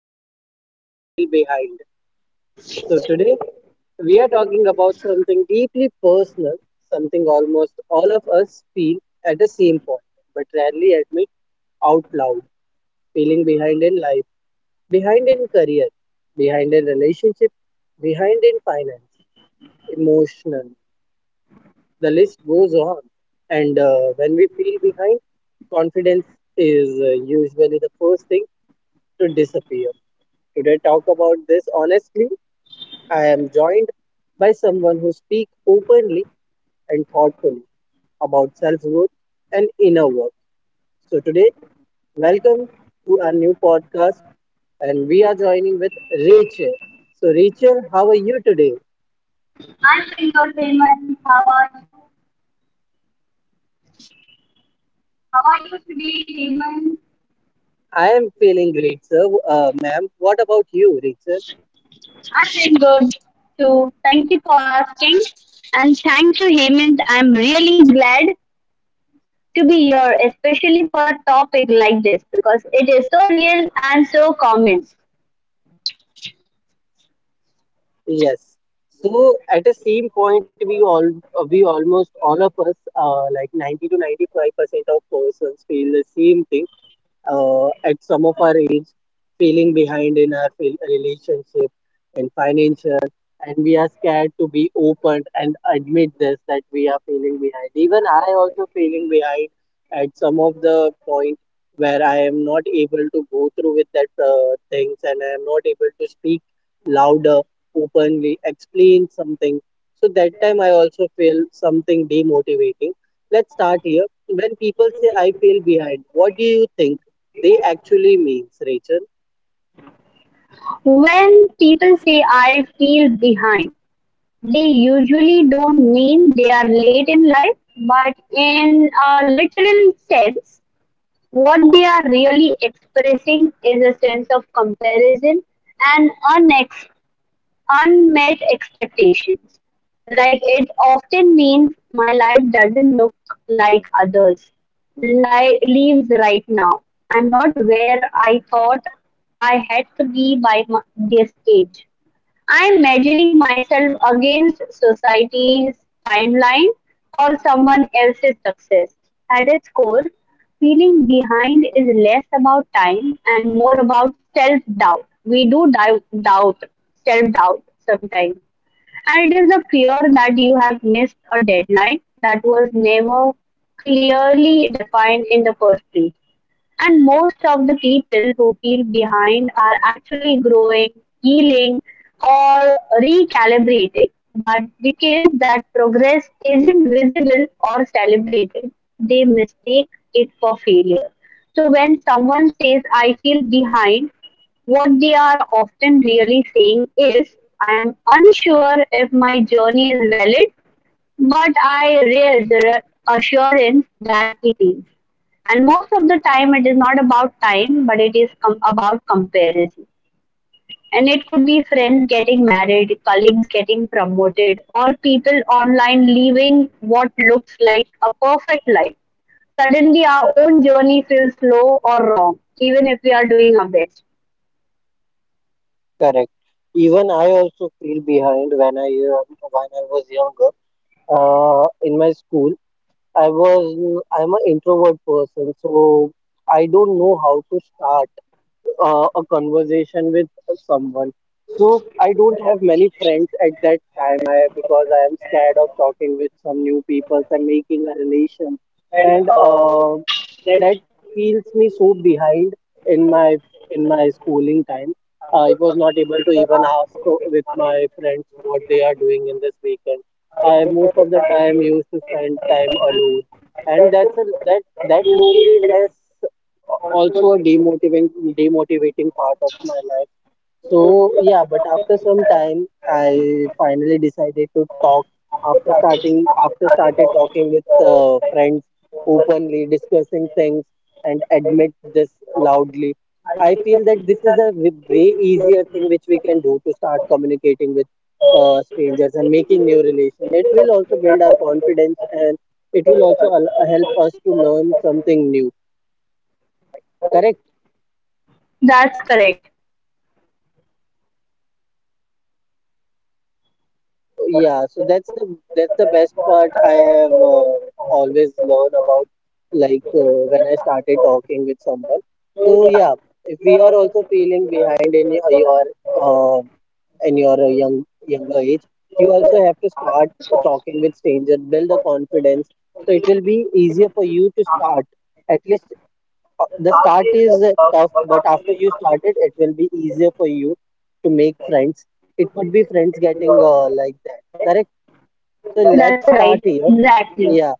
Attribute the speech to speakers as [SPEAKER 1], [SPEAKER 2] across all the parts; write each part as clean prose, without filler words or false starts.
[SPEAKER 1] Confidence When You Feel Behind. So, today we are talking about something deeply personal, something almost all of us feel at the same point, but rarely admit out loud. Feeling behind in life, behind in career, behind in relationship, behind in finance, emotional. The list goes on. And When we feel behind, confidence is usually the first thing to disappear. Today, talk about this honestly. I am joined by someone who speaks openly and thoughtfully about self growth and inner work. So, today, welcome to our new podcast, and we are joining with Rachel. So, Rachel, how are you today?
[SPEAKER 2] I'm doing good, Hemant. How are you? How are you today, Hemant?
[SPEAKER 1] I am feeling great, sir. Ma'am, what about you, Rachel?
[SPEAKER 2] I'm doing good too. Thank you for asking. And thank you, Hemant. I'm really glad to be here, especially for a topic like this because it is so real and so common.
[SPEAKER 1] Yes. So at the same point, we almost all of us, like 90 to 95% of persons feel the same thing, at some of our age, feeling behind in our relationship and financial, and we are scared to be open and admit this, that we are feeling behind. Even I also feeling behind at some of the point, where I am not able to go through with that things, and I am not able to speak louder, openly explain something. So that time I also feel something demotivating. Let's start here. When people say, I feel behind, what do you think they actually means, Rachel?
[SPEAKER 2] When people say, I feel behind, they usually don't mean they are late in life, but in a literal sense, what they are really expressing is a sense of comparison and unmet expectations. Like, it often means my life doesn't look like others. Leaves right now. I'm not where I thought I had to be by this age. I'm measuring myself against society's timeline or someone else's success. At its core, feeling behind is less about time and more about self doubt. We do doubt self doubt sometimes. And it is the fear that you have missed a deadline that was never clearly defined in the first place. And most of the people who feel behind are actually growing, healing, or recalibrating. But because that progress isn't visible or celebrated, they mistake it for failure. So when someone says, I feel behind, what they are often really saying is, I am unsure if my journey is valid but I read the assurance that it is. And most of the time, it is not about time, but it is about comparison. And it could be friends getting married, colleagues getting promoted, or people online leaving what looks like a perfect life. Suddenly, our own journey feels slow or wrong, even if we are doing our best.
[SPEAKER 1] Correct. Even I also feel behind when I was younger. In my school, I'm an introvert person, so I don't know how to start a conversation with someone. So I don't have many friends at that time because I am scared of talking with some new people and making a relation. And That feels me so behind in my in my schooling time. I was not able to even with my friends what they are doing in this weekend. I most of the time used to spend time alone, and that loneliness also a demotivating part of my life. So yeah, but after some time I finally decided to talk. After started talking with friends, openly discussing things and admit this loudly, I feel that this is a way easier thing which we can do to start communicating with strangers and making new relations. It will also build our confidence, and it will help us to learn something new. Correct?
[SPEAKER 2] That's correct.
[SPEAKER 1] Yeah, so that's the best part I have always learned about, like when I started talking with someone. So yeah,
[SPEAKER 2] India,
[SPEAKER 1] if we
[SPEAKER 2] India
[SPEAKER 1] are also
[SPEAKER 2] also famous
[SPEAKER 1] feeling
[SPEAKER 2] for
[SPEAKER 1] behind in
[SPEAKER 2] its
[SPEAKER 1] uh, in your younger age, you also have
[SPEAKER 2] beautiful,
[SPEAKER 1] to start
[SPEAKER 2] culture.
[SPEAKER 1] talking with strangers, build a confidence. So it will be easier for you to start. At least the start is tough, but after you started, it will be easier for you to make friends. It could be friends getting like that, correct? So let's
[SPEAKER 2] That's
[SPEAKER 1] start
[SPEAKER 2] right.
[SPEAKER 1] here.
[SPEAKER 2] Exactly.
[SPEAKER 1] Yeah,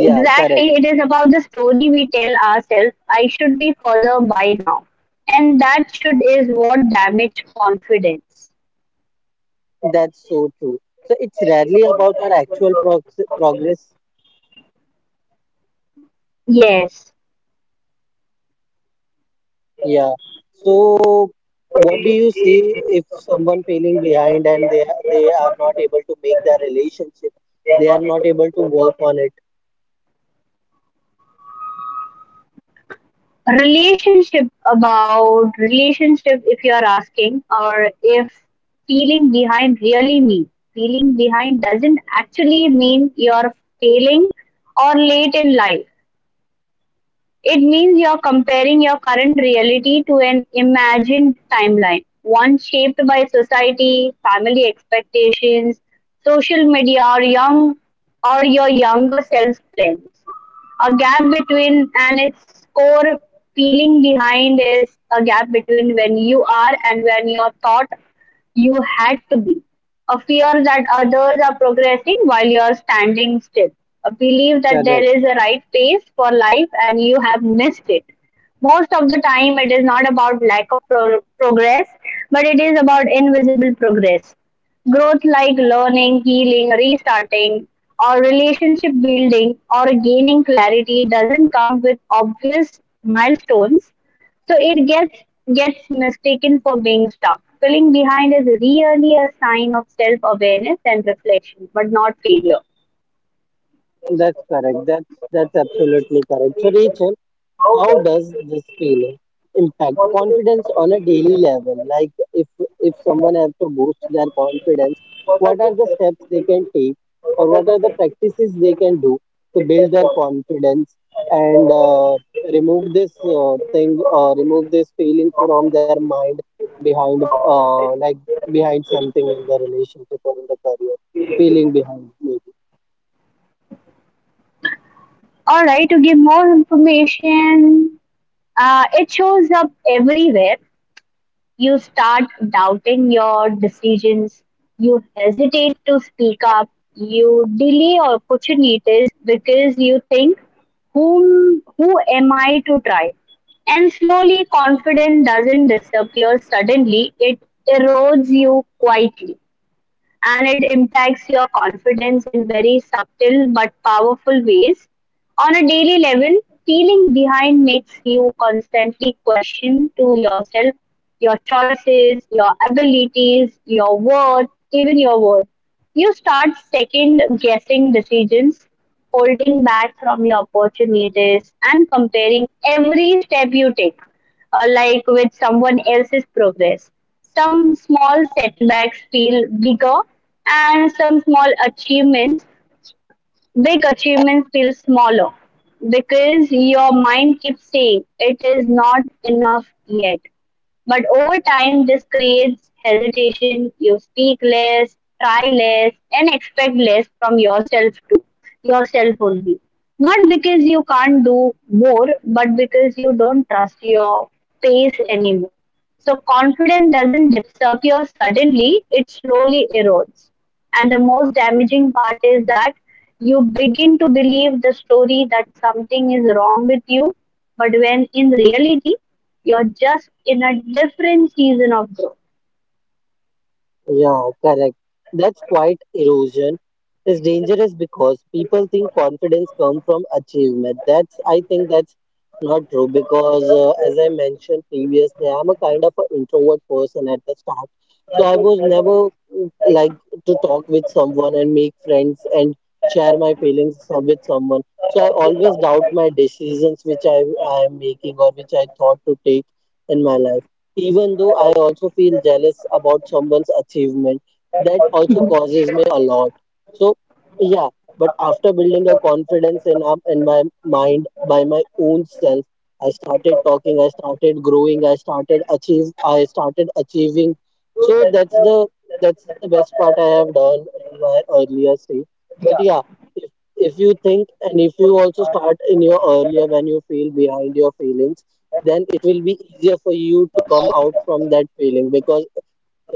[SPEAKER 2] Yeah,
[SPEAKER 1] correct.
[SPEAKER 2] exactly. It is about the story we tell ourselves. I should be further by now. And that should is what damage confidence.
[SPEAKER 1] That's so true. So it's rarely about our actual progress.
[SPEAKER 2] Yes.
[SPEAKER 1] Yeah. So what do you see if someone falling behind and they are not able to make their relationship? They are not able to work on it.
[SPEAKER 2] Relationship, about relationship if you are asking, or if feeling behind really mean, feeling behind doesn't actually mean you're failing or late in life. It means you're comparing your current reality to an imagined timeline, one shaped by society, family expectations, social media, or young or your younger self plans. A gap between and its core, feeling behind is a gap between when you are and when you thought you had to be, a fear that others are progressing while you're standing still, a belief that
[SPEAKER 1] Correct.
[SPEAKER 2] there is a right pace for life and you have missed it. Most of the time it is not about lack of progress, but it is about invisible progress. Growth like learning, healing, restarting, or relationship building or gaining clarity doesn't come with obvious milestones, so it gets mistaken for being stuck. Feeling behind is really a sign of self-awareness and reflection, but not failure.
[SPEAKER 1] That's correct. That's absolutely correct. So Rachel, how does this feeling impact confidence on a daily level? Like if someone have to boost their confidence, what are the steps they can take, or what are the practices they can do to build their confidence and remove this thing, or remove this feeling from their mind behind, like behind something in the relationship or in the career, feeling behind maybe.
[SPEAKER 2] All right, to give more information, it shows up everywhere. You start doubting your decisions, you hesitate to speak up, you delay opportunities because you think, who am I to try? And slowly, confidence doesn't disappear suddenly, it erodes you quietly, and it impacts your confidence in very subtle but powerful ways. On a daily level, feeling behind makes you constantly question to yourself your choices, your abilities, your worth, even your worth. You start second guessing decisions, holding back from your opportunities, and comparing every step you take, like with someone else's progress. Some small setbacks feel bigger, and some small achievements big achievements feel smaller because your mind keeps saying it is not enough yet. But over time, this creates hesitation. You speak less, try less, and expect less from yourself too, yourself only. Not because you can't do more, but because you don't trust your pace anymore. So confidence doesn't disappear suddenly, it slowly erodes. And the most damaging part is that you begin to believe the story that something is wrong with you, but when in reality you're just in a different season of growth.
[SPEAKER 1] Yeah, correct. That's quite erosion is dangerous because people think confidence comes from achievement. That's I think that's not true, because as I mentioned previously, I'm a kind of an introvert person at the start. So I was never like to talk with someone and make friends and share my feelings with someone. So I always doubt my decisions which I am making or which I thought to take in my life. Even though I also feel jealous about someone's achievement, that also causes me a lot. So yeah, but after building a confidence in up in my mind by my own self, I started talking, I started growing, I started achieving. So that's the best part I have done in my earlier stage. But yeah, if you think, and if you also start in your earlier when you feel behind your feelings, then it will be easier for you to come out from that feeling, because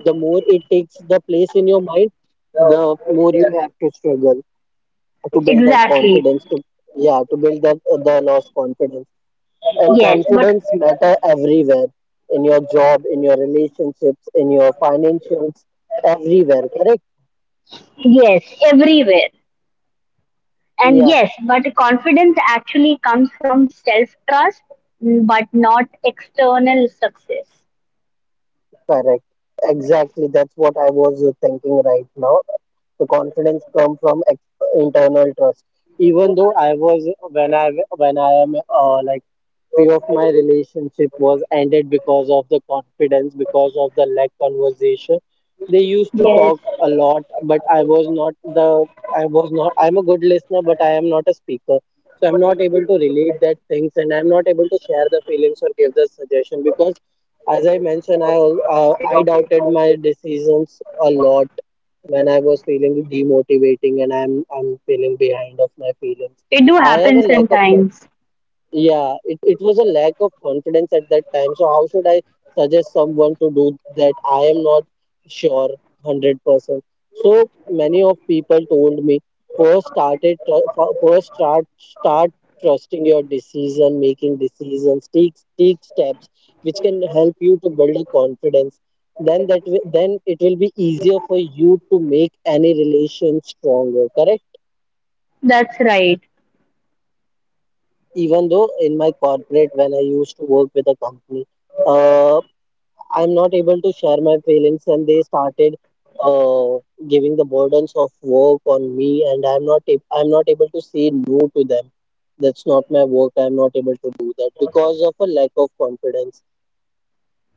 [SPEAKER 1] the more it takes the place in your mind, the more you have to struggle to build that
[SPEAKER 2] Exactly.
[SPEAKER 1] confidence to, yeah, to build that the lost confidence. And
[SPEAKER 2] Yes, but
[SPEAKER 1] confidence matter everywhere, in your job, in your relationships, in your financials, everywhere, correct?
[SPEAKER 2] yes, everywhere. And
[SPEAKER 1] Yeah,
[SPEAKER 2] yes, but confidence actually comes from self trust, but not external success.
[SPEAKER 1] correct, exactly. That's what I was thinking right now. The confidence come from internal trust. Even though I was when I when I am, like, few of my relationship was ended because of the confidence, because of the lack conversation. They used to
[SPEAKER 2] Yes,
[SPEAKER 1] talk a lot, but I was not I'm a good listener, but I am not a speaker. So I'm not able to relate that things, and I'm not able to share the feelings or give the suggestion, because as I mentioned, I doubted my decisions a lot when I was feeling demotivating, and I'm feeling behind of my feelings.
[SPEAKER 2] it do
[SPEAKER 1] I have
[SPEAKER 2] happen
[SPEAKER 1] a lack of,
[SPEAKER 2] sometimes.
[SPEAKER 1] yeah, it was a lack of confidence at that time. So how should I suggest someone to do that? I am not sure 100%. So many of people told me, first start trusting your decision, making decisions, take steps which can help you to build a confidence. Then then it will be easier for you to make any relation stronger, correct?
[SPEAKER 2] That's right.
[SPEAKER 1] Even though in my corporate, when I used to work with a company, uh, I'm not able to share my feelings, and they started uh, giving the burdens of work on me, and I'm not able to say no to them, that's not my work, I'm not able to do that, because of a lack of confidence.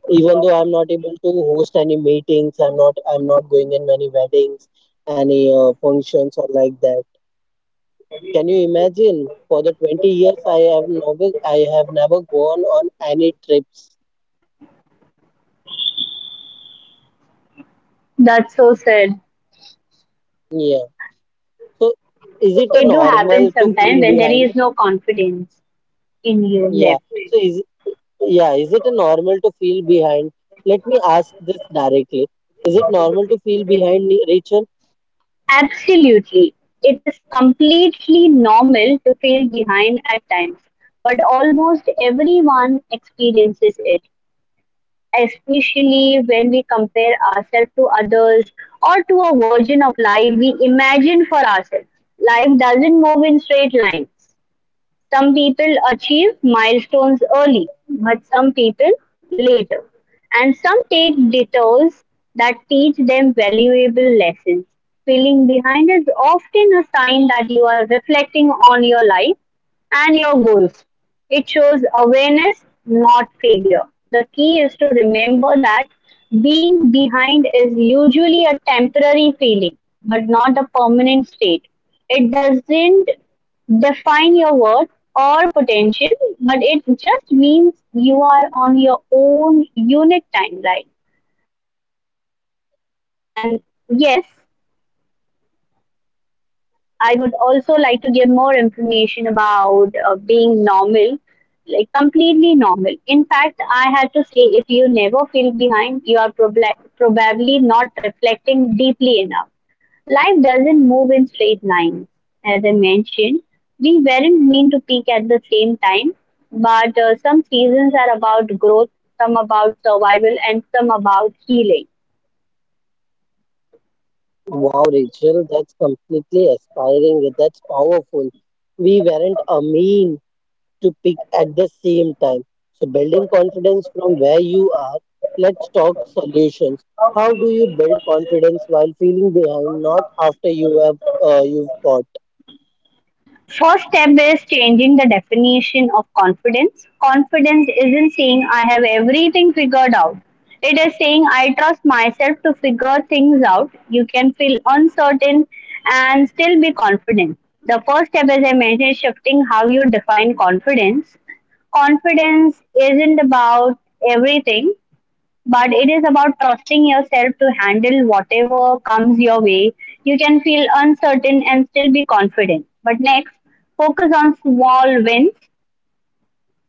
[SPEAKER 1] Even though I'm not able to host any meetings, I'm not going in many weddings, any functions or like that. Can you imagine? For the 20 years, I have never gone on any trips.
[SPEAKER 2] That's so sad.
[SPEAKER 1] Yeah. So, is it a
[SPEAKER 2] It do happen
[SPEAKER 1] normal to
[SPEAKER 2] sometimes
[SPEAKER 1] feel
[SPEAKER 2] when there
[SPEAKER 1] behind?
[SPEAKER 2] is no confidence in you
[SPEAKER 1] Yeah.
[SPEAKER 2] left.
[SPEAKER 1] So, is it a normal to feel behind? Let me ask this directly. Is it normal to feel behind, Rachel?
[SPEAKER 2] Absolutely. It is completely normal to feel behind at times, but almost everyone experiences it, especially when we compare ourselves to others or to a version of life we imagine for ourselves. Life doesn't move in straight lines. Some people achieve milestones early, but some people later. And some take detours that teach them valuable lessons. Feeling behind is often a sign that you are reflecting on your life and your goals. It shows awareness, not failure. The key is to remember that being behind is usually a temporary feeling, but not a permanent state. It doesn't define your word or potential, but it just means you are on your own unique timeline. And yes, I would also like to give more information about being normal, like completely normal. In fact, I had to say if you never feel behind, you are probably not reflecting deeply enough. Life doesn't move in straight lines. As I mentioned, we weren't meant to peak at the same time, but some seasons are about growth, some about survival, and some about healing.
[SPEAKER 1] Wow, Rachel, that's completely aspiring. That's powerful. We weren't a mean to pick at the same time. So, building confidence from where you are, let's talk solutions. How do you build confidence while feeling behind, not after you have, you've caught?
[SPEAKER 2] First step is changing the definition of confidence. Confidence isn't saying I have everything figured out. It is saying I trust myself to figure things out. You can feel uncertain and still be confident. The first step, as I mentioned, is shifting how you define confidence. Confidence isn't about everything, but it is about trusting yourself to handle whatever comes your way. You can feel uncertain and still be confident. But next, focus on small wins.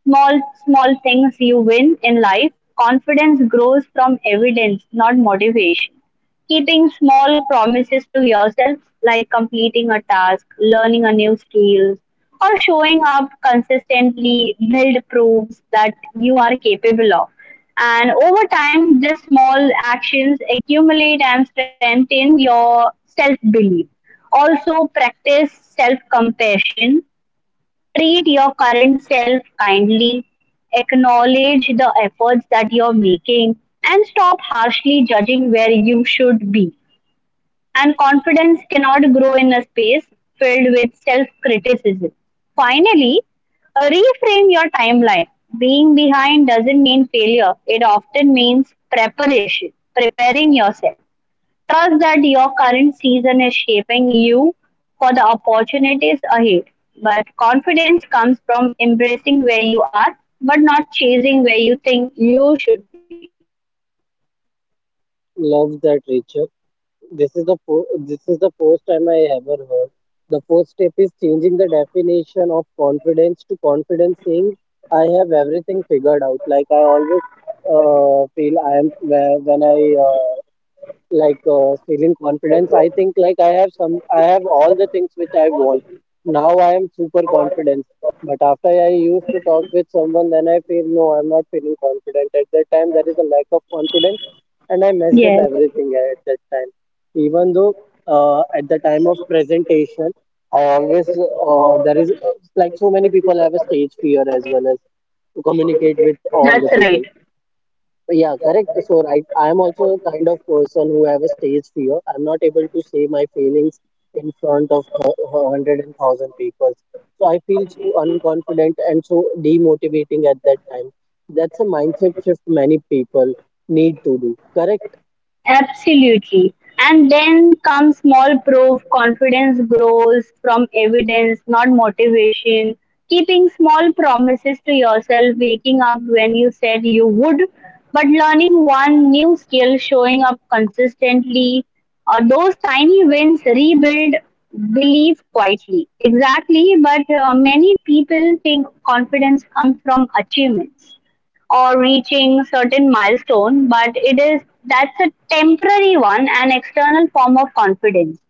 [SPEAKER 2] Small, small things you win in life. Confidence grows from evidence, not motivation. Keeping small promises to yourself, like completing a task, learning a new skill, or showing up consistently, build proofs that you are capable of. And over time, these small actions accumulate and strengthen your self belief. Also, practice self compassion. Treat your current self kindly, acknowledge the efforts that you're making, and stop harshly judging where you should be. And confidence cannot grow in a space filled with self criticism. Finally, reframe your timeline. Being behind doesn't mean failure, it often means preparation, preparing yourself. Trust that your current season is shaping you for the opportunities ahead. But confidence comes from embracing where you are, but not chasing where you think you should be.
[SPEAKER 1] Love that, Richard. This is the this is the first time I ever heard. The first step is changing the definition of confidence to confidence, saying I have everything figured out. Like I always, feel I am where- when I uh, like feeling confidence, I think like I have some I have all the things which I want, now I am super confident. But after I used to talk with someone, then I feel no, I'm not feeling confident at that time, there is a lack of confidence, and I messed up
[SPEAKER 2] Yes,
[SPEAKER 1] everything at that time. Even though at the time of presentation, I always, there is like, so many people have a stage fear, as well as to communicate with
[SPEAKER 2] that's
[SPEAKER 1] all the
[SPEAKER 2] right.
[SPEAKER 1] people. Yeah, correct. So I am also a kind of person who have a stage fear. I'm not able to say my feelings in front of hundred and thousand people. So I feel so unconfident and so demotivating at that time. That's a mindset shift many people need to do, correct.
[SPEAKER 2] Absolutely. And then comes small proof. Confidence grows from evidence, not motivation. Keeping small promises to yourself, waking up when you said you would, but learning one new skill, showing up consistently. Those tiny wins rebuild belief quietly. Exactly, but many people think confidence comes from achievements or reaching certain milestone, but it is, that's a temporary one, an external form of confidence.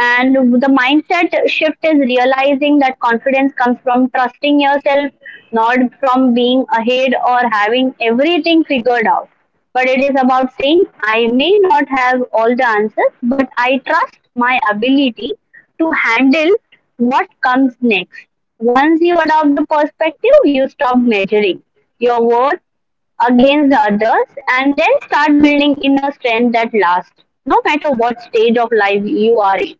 [SPEAKER 2] And the mindset shift is realizing that confidence comes from trusting yourself, not from being ahead or having everything figured out. But it is about saying, I may not have all the answers, but I trust my ability to handle what comes next. Once you adopt the perspective, you stop measuring your worth against the others and then start building inner strength that lasts, no matter what stage of life you are in.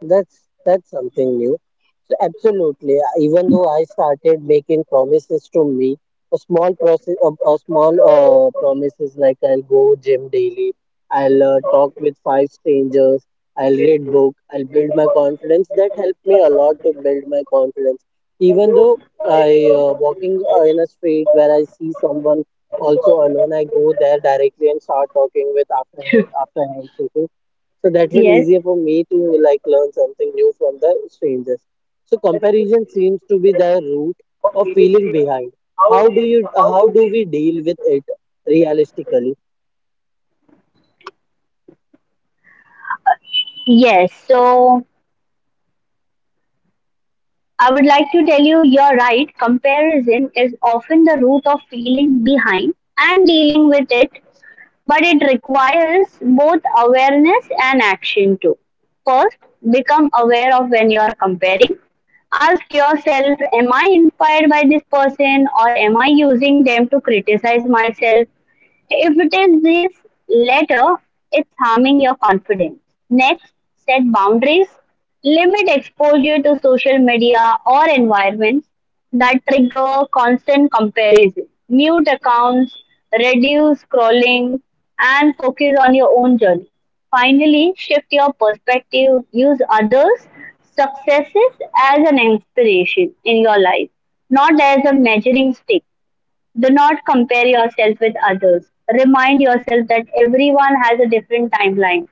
[SPEAKER 1] That's something new. So absolutely, even though I started making promises to me, a small process, a small promises, like I'll go gym daily, I'll talk with five strangers, I'll read book, I'll build my confidence. That helped me a lot to build my confidence. Even though I walking in a street where I see someone also alone, I go there directly and start talking with after handshaking, so that will
[SPEAKER 2] Yes,
[SPEAKER 1] easier for me to like learn something new from the strangers. So comparison seems to be the root of feeling behind. how do you how do we deal with it realistically?
[SPEAKER 2] yes. So I would like to tell you you're right. Comparison is often the root of feeling behind and dealing with it, but it requires both awareness and action too. First, become aware of when you are comparing. Ask yourself, am I inspired by this person or am I using them to criticize myself? If it is this latter, it's harming your confidence. Next, set boundaries. Limit exposure to social media or environments that trigger constant comparison. Mute accounts, reduce scrolling, and focus on your own journey. Finally, shift your perspective. Use others' successes as an inspiration in your life, not as a measuring stick. Do not compare yourself with others. Remind yourself that everyone has a different timeline.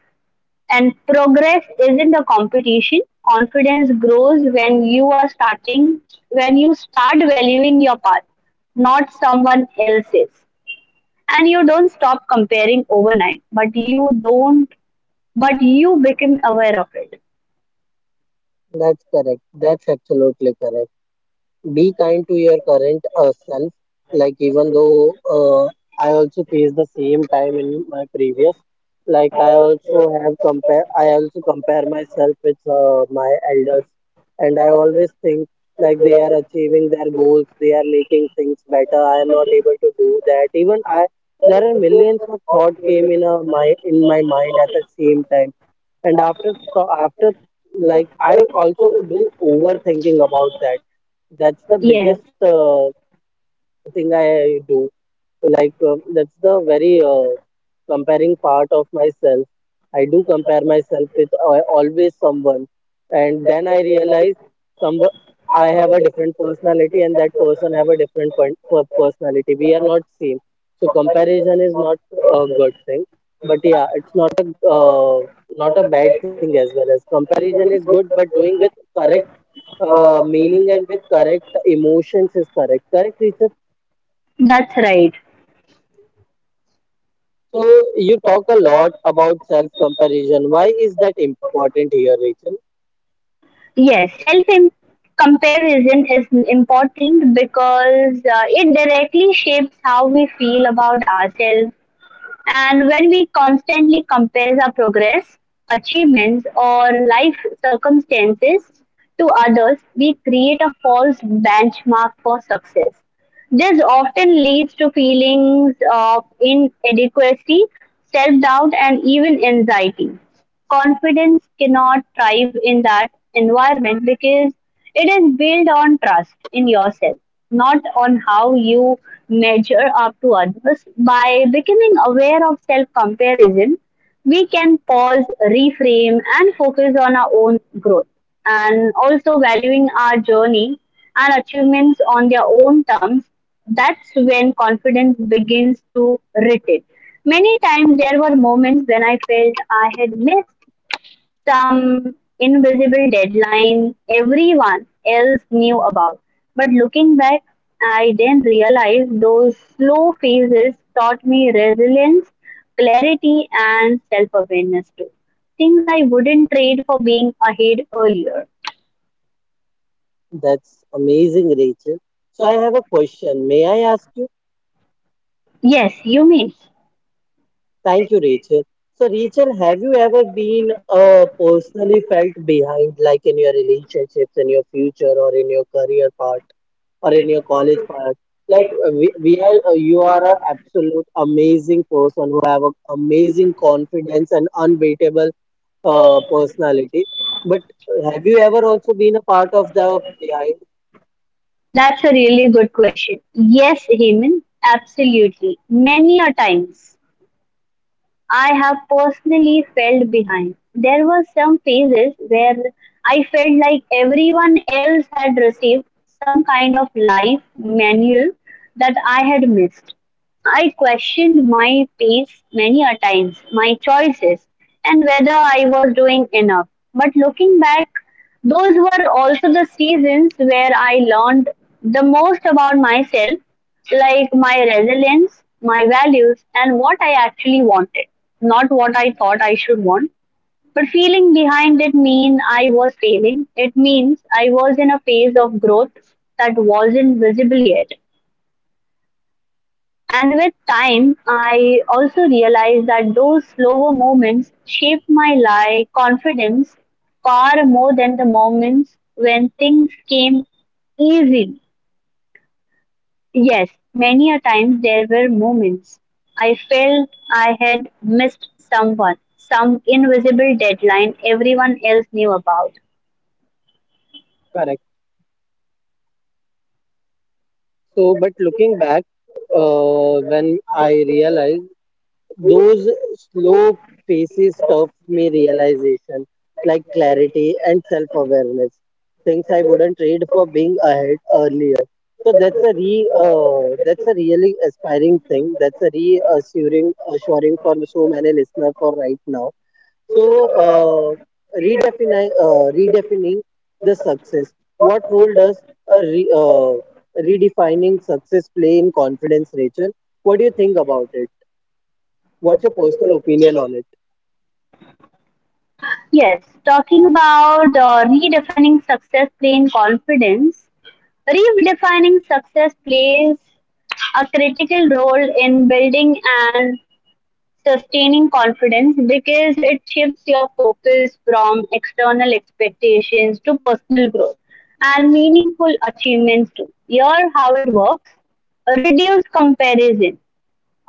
[SPEAKER 2] And progress isn't a competition. Confidence grows when you are starting, when you start valuing your path, not someone else's. And you don't stop comparing overnight, but you don't, but you become aware of it.
[SPEAKER 1] That's correct, that's absolutely correct. Be kind to your current self. Like even though I also face the same time in my previous, like I also compare myself with my elders, and I always think like they are achieving their goals, they are making things better, I am not able to do that. Even I, there are millions of thought came in my mind at the same time. And after, like I also do overthinking about that. That's the
[SPEAKER 2] Yes,
[SPEAKER 1] biggest thing I do. Like that's the very comparing part of myself. I do compare myself with always someone, and then I realize some, I have a different personality, and that person have a different point per personality. We are not same, so comparison is not a good thing. But yeah, it's not a not a bad thing as well. As comparison is good, but doing with correct meaning and with correct emotions is correct. Correct, Richard.
[SPEAKER 2] that's right.
[SPEAKER 1] So you talk a lot about self comparison. Why is that important here, Rachel?
[SPEAKER 2] Yes, self comparison is important because it directly shapes how we feel about ourselves. And when we constantly compare our progress, achievements, or life circumstances to others, we create a false benchmark for success. This often leads to feelings of inadequacy, self doubt, and even anxiety. Confidence cannot thrive in that environment because it is built on trust in yourself, not on how you measure up to others. By becoming aware of self comparison, we can pause, reframe, and focus on our own growth and also valuing our journey and achievements on their own terms. That's when confidence begins to return. Many times there were moments when I felt I had missed some invisible deadline everyone else knew about. But looking back, I then realized those slow phases taught me resilience, clarity, and self awareness too. Things I wouldn't trade for being ahead earlier.
[SPEAKER 1] That's amazing, Rachel. So I have a question. May I ask you?
[SPEAKER 2] Yes, you mean.
[SPEAKER 1] Thank you, Rachel. So, Rachel, have you ever been personally felt behind, like in your relationships, in your future, or in your career part? Or in your college part? Like we are you are an absolute amazing person who have a amazing confidence and unbeatable personality, but have you ever also been a part of the behind?
[SPEAKER 2] That's a really good question. Yes, Heman, absolutely. Many a times. I have personally felt behind. There were some phases where I felt like everyone else had received some kind of life manual that I had missed. I questioned my pace many a times, my choices, and whether I was doing enough. But looking back, those were also the seasons where I learned the most about myself, like my resilience, my values, and what I actually wanted, not what I thought I should want. But feeling behind did mean I was failing. It means I was in a phase of growth that wasn't visible yet. And with time, I also realized that those slower moments shaped my life confidence far more than the moments when things came easy. Yes, many a time there were moments I felt I had missed someone, some invisible deadline everyone else knew about.
[SPEAKER 1] Correct. So, but looking back, when I realized those slow phases taught me realization, like clarity and self awareness, things I wouldn't trade for being ahead earlier. So that's a re that's a really aspiring thing. That's a reassuring assuring for so many listener for right now. So redefining the success. What role does a redefining success play in confidence, Rachel? What do you think about it? What's your personal opinion on it?
[SPEAKER 2] Yes, talking about redefining success playing confidence, redefining success plays a critical role in building an sustaining confidence because it shifts your focus from external expectations to personal growth and meaningful achievements too. Here, how it works: reduce comparison,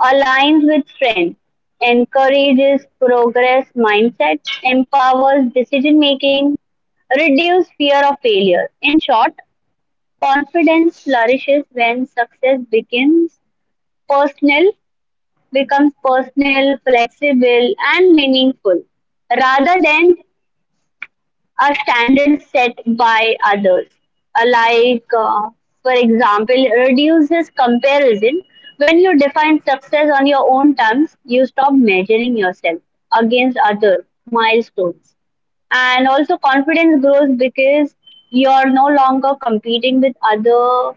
[SPEAKER 2] aligns with friends, encourages progress mindset, empowers decision making, reduce fear of failure. In short, confidence flourishes when success becomes personal, becomes personal, flexible, and meaningful rather than a standard set by others. Like, for example, it reduces comparison. When you define success on your own terms, you stop measuring yourself against other milestones. And also, confidence grows because you're no longer competing with other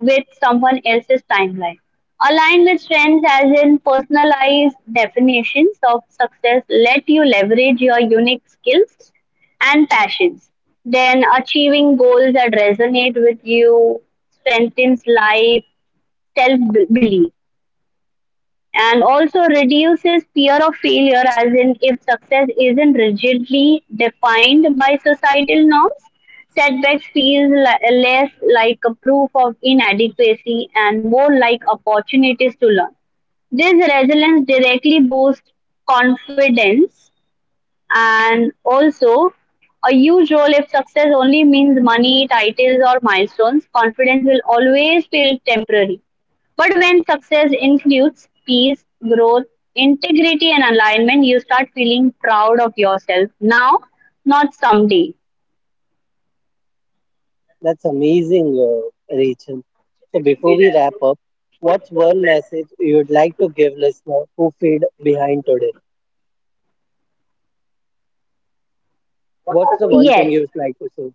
[SPEAKER 2] with someone else's timeline. Align with trends, as in personalized definitions of success. Let you leverage your unique skills and passions. Then achieving goals that resonate with you strengthens life, self belief, and also reduces fear of failure, as in, if success isn't rigidly defined by societal norms, setbacks feel less like a proof of inadequacy and more like opportunities to learn. This resilience directly boosts confidence. And also a huge role, if success only means money, titles, or milestones, confidence will always feel temporary. But when success includes peace, growth, integrity, and alignment, you start feeling proud of yourself now, not someday.
[SPEAKER 1] That's amazing, Rachel. So before we wrap up, what's one message you would like to give listener who feel behind today? What's the one
[SPEAKER 2] Yes,
[SPEAKER 1] thing you'd like to say?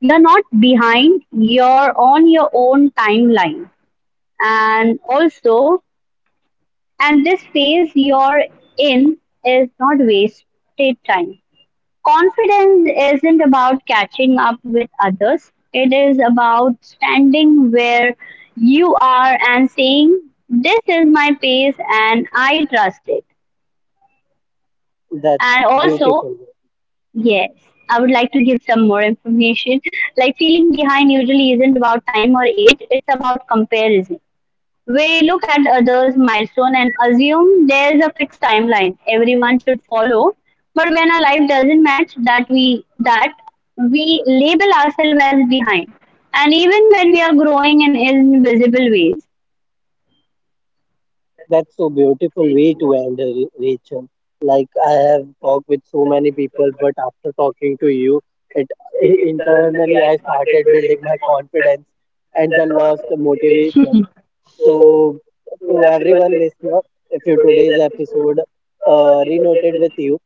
[SPEAKER 2] you're not behind, you're on your own timeline. And also, and this phase you're in is not wasted time. Confidence isn't about catching up with others, it is about standing where you are and saying, "This is my pace and I trust it."
[SPEAKER 1] That's
[SPEAKER 2] And also,
[SPEAKER 1] beautiful.
[SPEAKER 2] yes, I would like to give some more information. Like, feeling behind usually isn't about time or age, it's about comparison. We look at others' milestone and assume there's a fixed timeline everyone should follow. But when our life doesn't match that, we label ourselves as behind. And even when we are growing in invisible ways.
[SPEAKER 1] That's so beautiful way to end, Rachel. Like I have talked with so many people, but after talking to you, it, internally I started building my confidence and then lost the motivation. So, to everyone listener, if you today's episode renoted with you,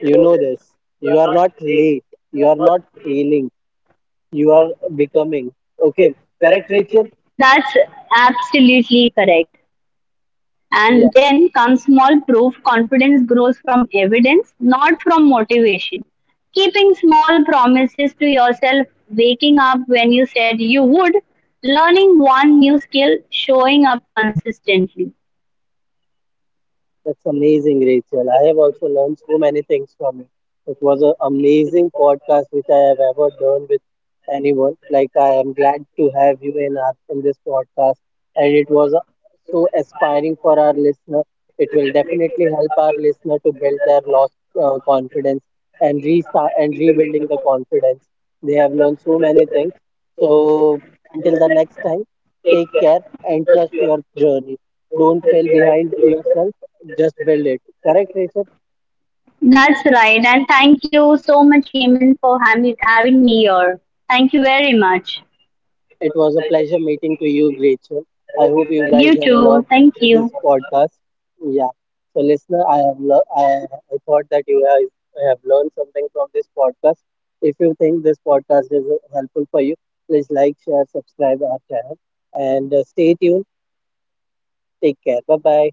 [SPEAKER 1] you know this. You are not late. You are not failing. You are becoming. Okay, correct, Rachel?
[SPEAKER 2] That's absolutely correct.
[SPEAKER 1] Yeah.
[SPEAKER 2] And then comes small proof. Confidence grows from evidence, not from motivation. Keeping small promises to yourself, waking up when you said you would, learning one new skill, showing up consistently.
[SPEAKER 1] That's amazing, Rachel. I have also learned so many things from you. It was an amazing podcast which I have ever done with anyone. Like I am glad to have you in in this podcast, and it was so aspiring for our listener. It will definitely help our listener to build their lost confidence and restart and rebuilding the confidence. They have learned so many things. So until the next time, take care and trust your journey. Don't fail behind yourself, just build it. Correct, Rachel?
[SPEAKER 2] That's right. And thank you so much, Hemant, for having me here. Thank you very much.
[SPEAKER 1] It was a pleasure meeting to you, Rachel. I hope you guys
[SPEAKER 2] You
[SPEAKER 1] have
[SPEAKER 2] too.
[SPEAKER 1] loved
[SPEAKER 2] Thank you.
[SPEAKER 1] this podcast. Yeah. So, listener, I thought that you guys have learned something from this podcast. If you think this podcast is helpful for you, please like, share, subscribe our channel, and stay tuned. Take care. Bye bye.